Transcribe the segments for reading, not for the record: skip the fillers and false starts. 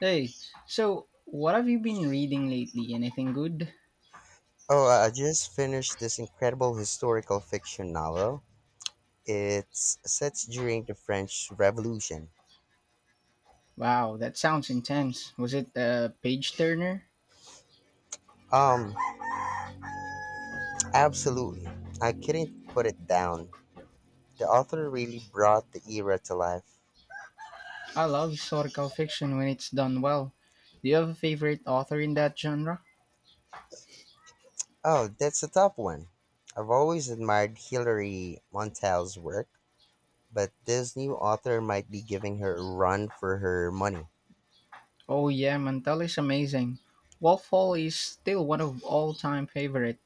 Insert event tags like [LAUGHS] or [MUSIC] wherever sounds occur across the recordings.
Hey, so what have you been reading lately? Anything good? Oh, I just finished this incredible historical fiction novel. It's set during the French Revolution. Wow, that sounds intense. Was it a page turner? Um, Absolutely. I couldn't put it down. The author really brought the era to life. I love historical fiction when it's done well. Do you have a favorite author in that genre? Oh, that's a tough one. I've always admired Hilary Mantel's work, but this new author might be giving her a run for her money. Oh yeah, Mantel is amazing. Wolf Hall is still one of all-time favorite.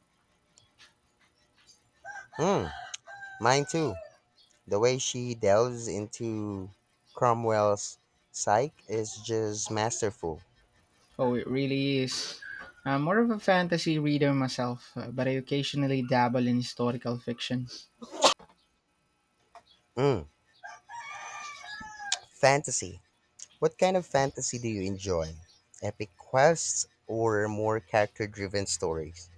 Hmm, mine too. The way she delves into Cromwell's psyche is just masterful. Oh, it really is. I'm more of a fantasy reader myself, but I occasionally dabble in historical fiction. Mm. Fantasy. What kind of fantasy do you enjoy? Epic quests or more character driven stories?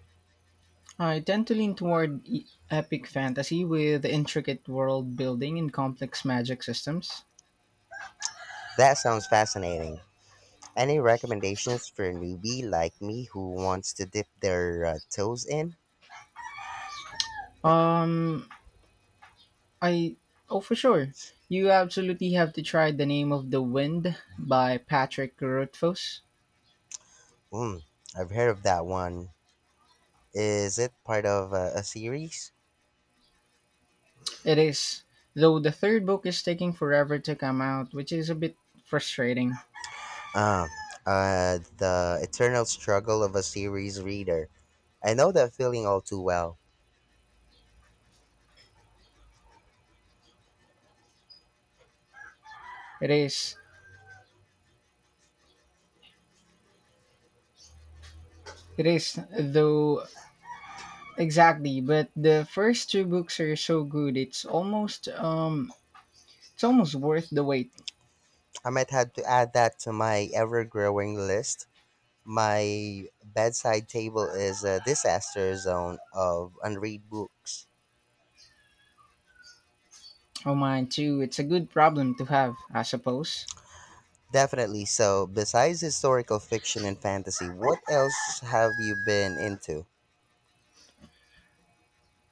I tend to lean toward epic fantasy with intricate world building and complex magic systems. That sounds fascinating. Any recommendations for a newbie like me who wants to dip their toes in? Um, I Oh for sure, you absolutely have to try The Name of the Wind by Patrick Rothfuss. Mm, I've heard of that one. Is it part of a series? It is, though the third book is taking forever to come out, which is a bit frustrating. Um, the eternal struggle of a series reader. I know that feeling all too well. It is, it is though exactly, but the first two books are so good. It's almost worth the wait. I might have to add that to my ever growing list. My bedside table is a disaster zone of unread books. Oh, mine too. It's a good problem to have, I suppose. Definitely. So, besides historical fiction and fantasy, what else have you been into?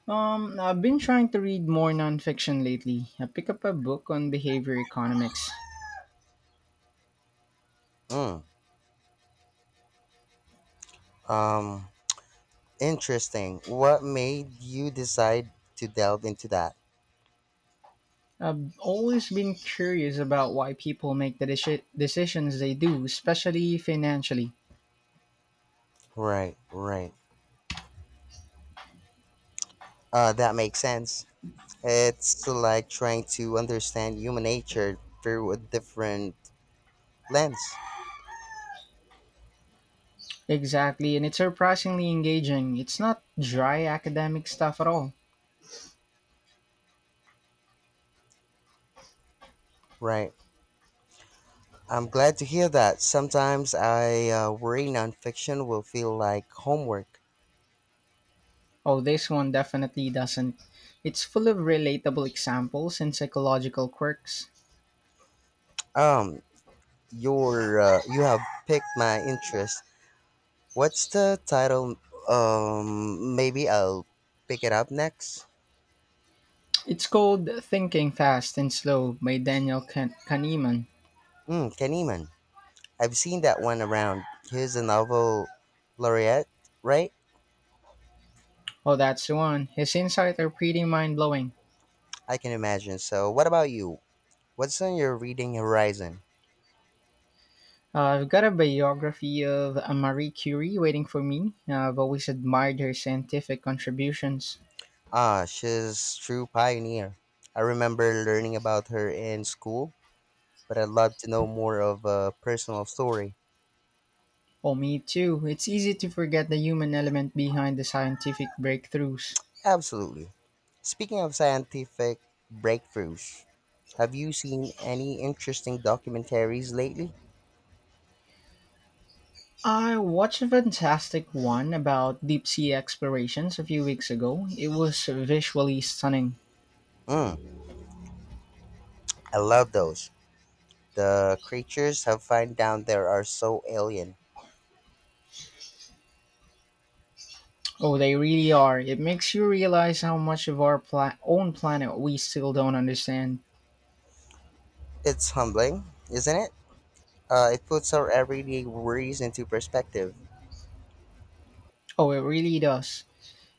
I've been trying to read more nonfiction lately. I picked up a book on behavior economics. Mm, um, Interesting. What made you decide to delve into that? I've always been curious about why people make the decisions they do, especially financially. Right, right. That makes sense. It's like trying to understand human nature through a different lens. Exactly, and it's surprisingly engaging. It's not dry academic stuff at all. Right. I'm glad to hear that. Sometimes I worry nonfiction will feel like homework. Oh, this one definitely doesn't. It's full of relatable examples and psychological quirks. Um, your you have picked my interest. What's the title? Maybe I'll pick it up next. It's called Thinking Fast and Slow by Daniel Kahneman. Mm, Kahneman. I've seen that one around. He's a novel laureate, right? Oh, that's the one. His insights are pretty mind blowing. I can imagine. So, what about you? What's on your reading horizon? I've got a biography of Marie Curie waiting for me. I've always admired her scientific contributions. Ah, she's true pioneer. I remember learning about her in school, but I'd love to know more of a personal story. Oh, me too. It's easy to forget the human element behind the scientific breakthroughs. Absolutely. Speaking of scientific breakthroughs, have you seen any interesting documentaries lately? I watched a fantastic one about deep sea explorations a few weeks ago. It was visually stunning. Mm, I love those. The creatures have found down there are so alien. Oh, they really are. It makes you realize how much of our own planet we still don't understand. It's humbling, isn't it? It puts our everyday worries into perspective. Oh, it really does.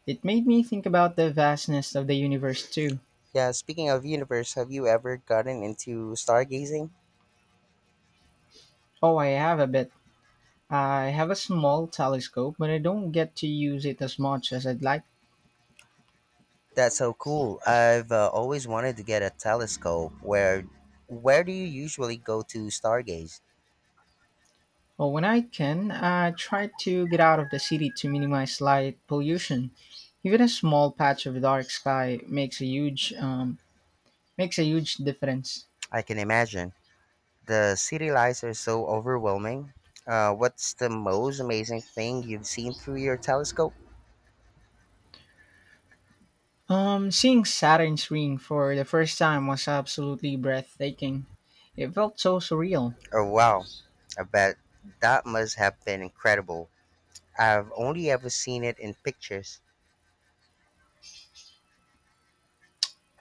It made me think about the vastness of the universe, too. Yeah, speaking of universe, have you ever gotten into stargazing? Oh, I have a bit. I have a small telescope, but I don't get to use it as much as I'd like. That's so cool. I've always wanted to get a telescope. Where do you usually go to stargaze? Oh, when I can, I try to get out of the city to minimize light pollution. Even a small patch of dark sky makes a huge difference. I can imagine. The city lights are so overwhelming. What's the most amazing thing you've seen through your telescope? Seeing Saturn's ring for the first time was absolutely breathtaking. It felt so surreal. Oh wow. I bet that must have been incredible. I've only ever seen it in pictures.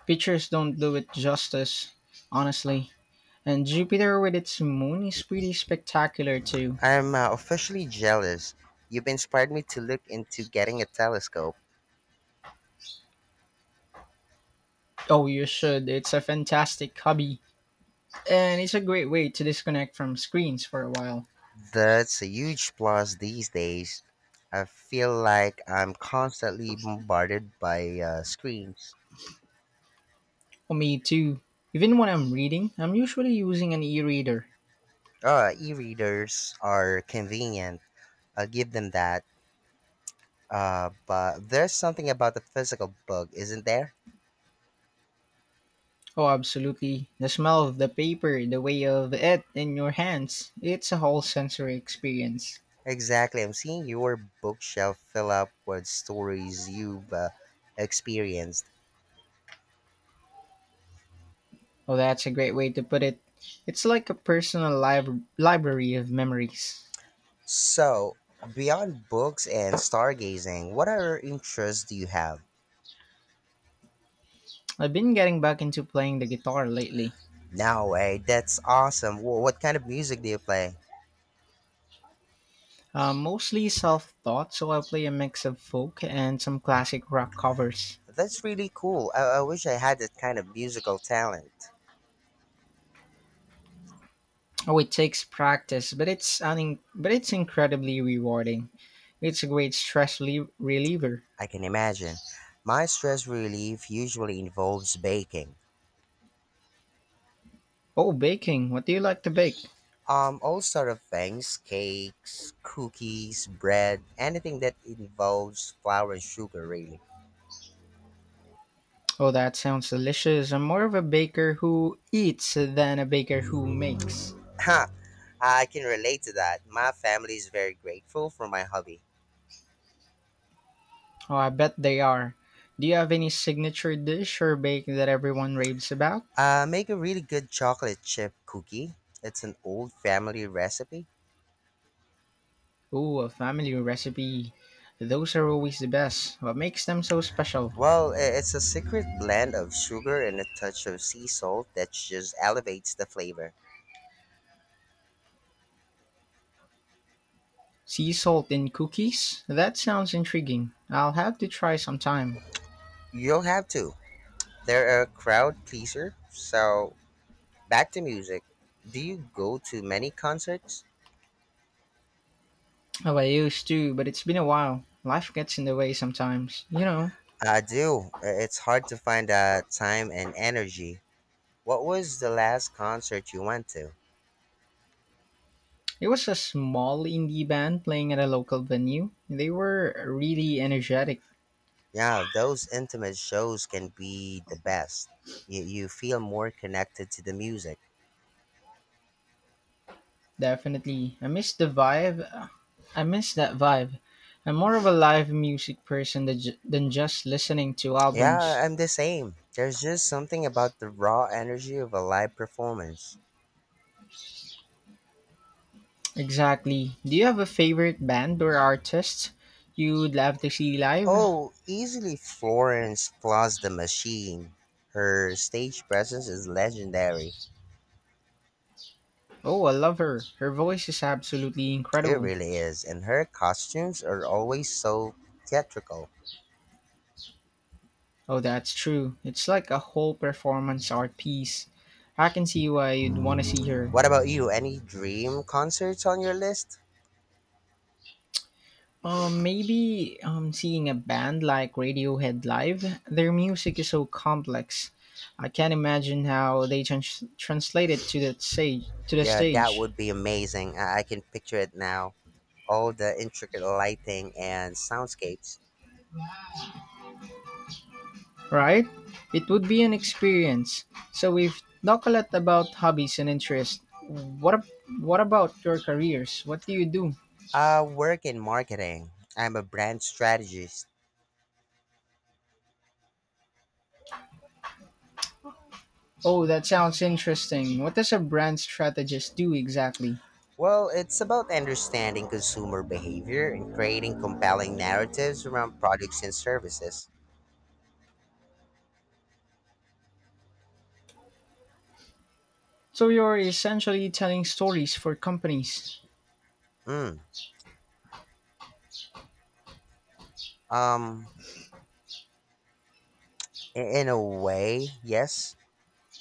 Pictures don't do it justice, honestly. And Jupiter with its moon is pretty spectacular too. I'm officially jealous. You've inspired me to look into getting a telescope. Oh, you should. It's a fantastic hobby. And it's a great way to disconnect from screens for a while. That's a huge plus these days. I feel like I'm constantly bombarded by screens. Oh, me too. Even when I'm reading, I'm usually using an e reader. E-readers are convenient. I'll give them that. But there's something about the physical book, isn't there? Oh, absolutely. The smell of the paper, the way of it in your hands, it's a whole sensory experience. Exactly. I'm seeing your bookshelf fill up with stories you've experienced. Oh, that's a great way to put it. It's like a personal library of memories. So, beyond books and stargazing, what other interests do you have? I've been getting back into playing the guitar lately. No way. That's awesome. What kind of music do you play? Mostly self-taught, so I play a mix of folk and some classic rock covers. That's really cool. I wish I had that kind of musical talent. Oh, it takes practice, but but it's incredibly rewarding. It's a great reliever. I can imagine. My stress relief usually involves baking. Oh, baking. What do you like to bake? All sort of things, cakes, cookies, bread, anything that involves flour and sugar, really. [LAUGHS] Oh, that sounds delicious. I'm more of a baker who eats than a baker who makes. Ha! I can relate to that. My family is very grateful for my hobby. Oh, I bet they are. Do you have any signature dish or bake that everyone raves about? I make a really good chocolate chip cookie. It's an old family recipe. Ooh, a family recipe. Those are always the best. What makes them so special? Well, it's a secret blend of sugar and a touch of sea salt that just elevates the flavor. Sea salt in cookies? That sounds intriguing. I'll have to try sometime. You'll have to. They're a crowd pleaser. So, back to music. Do you go to many concerts? Oh, I used to, but it's been a while. Life gets in the way sometimes. You know, I do. It's hard to find time and energy. What was the last concert you went to? it was a small indie band playing at a local venue. They were really energetic. Yeah, those intimate shows can be the best. You feel more connected to the music. Definitely. I miss the vibe I miss that vibe. I'm more of a live music person than than just listening to Yeah, albums. I'm the same. There's just something about the raw energy of a live performance. Exactly. Do you have a favorite band or artist you'd love to see live? Oh, easily Florence plus the machine. Her stage presence is legendary. Oh, I love her. Her voice is absolutely It incredible. really is, and her costumes are always so theatrical. Oh, that's true. It's like a whole performance art piece. I can see why you'd want to see her. What about you? Any dream concerts on your list? Maybe seeing a band like Radiohead live, their music is so complex. I can't imagine how they translate it to the stage. Yeah, that would be amazing. I can picture it now. All the intricate lighting and soundscapes. Right? It would be an experience. So we've talked a lot about hobbies and interests. What ab- What about your careers? What do you do? I work in marketing. I'm a brand strategist. Oh, that sounds interesting. What does a brand strategist do exactly? Well, it's about understanding consumer behavior and creating compelling narratives around products and services. So you're essentially telling stories for companies. Mm, um, in a way, yes.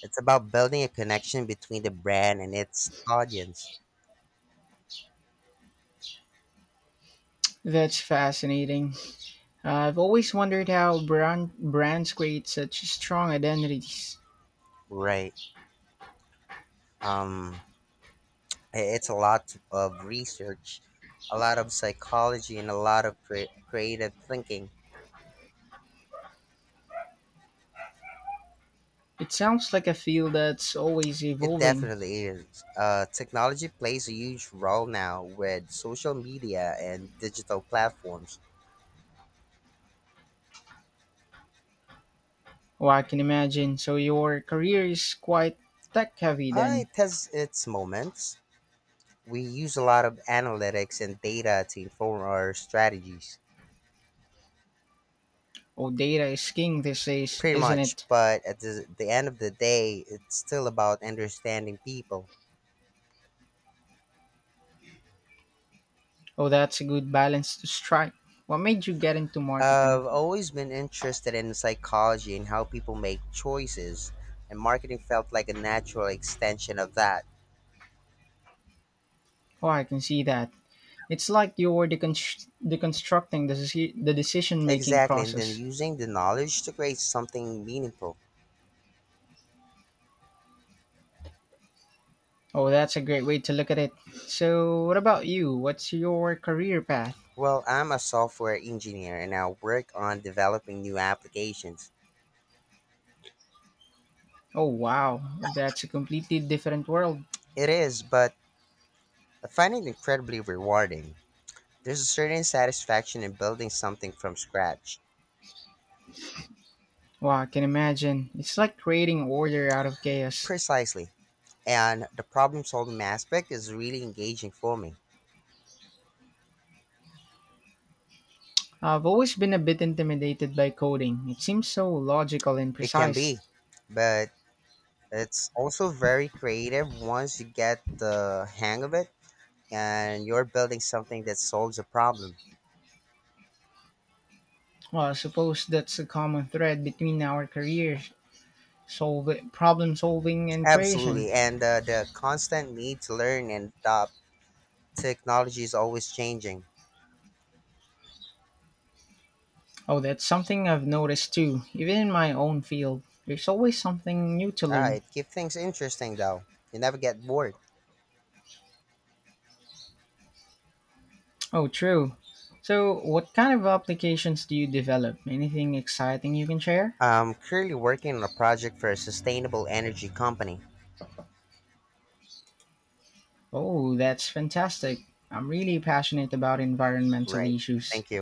It's about building a connection between the brand and its audience. That's fascinating. I've always wondered how brands create such strong identities. Right. Um, it's a lot of research, a lot of psychology, and a lot of creative thinking. It sounds like a field that's always It evolving. definitely is. Technology plays a huge role now with social media and digital platforms. Oh, I can imagine. So your career is quite tech heavy then. It has its moments. We use a lot of analytics and data to inform our strategies, Oh, data is king these days, pretty isn't much. it? But at the end of the day, it's still about understanding people. Oh, that's a good balance to strike. What made you get into I've marketing? always been interested in psychology and how people make choices, and marketing felt like a natural extension of that. Oh, I can see that. It's like you're deconstructing the decision making Exactly, and then process. using the knowledge to create something meaningful. Oh, that's a great way to look at it. So, what about you? What's your career path? Well, I'm a software engineer and I work on developing new applications. Oh wow, that's a completely different world. It is, but I find it incredibly rewarding. There's a certain satisfaction in building something from scratch. Wow, I can imagine. It's like creating order out of chaos. Precisely. And the problem solving aspect is really engaging for me. I've always been a bit intimidated by coding. It seems so logical and It can precise. be, but it's also very creative once you get the hang of it and you're building something that solves a problem. Well, I suppose that's a common thread between our careers, solve problem solving and creation. Absolutely. And the constant need to learn and adopt technology is always changing. Oh, that's something I've noticed too. Even in my own field, there's always something new to Ah, learn. it keeps things interesting though. You never get bored. Oh, true. So, what kind of applications do you develop? Anything exciting you can share? I'm currently working on a project for a sustainable energy company. Oh, that's fantastic. I'm really passionate about environmental Right. issues. Thank you.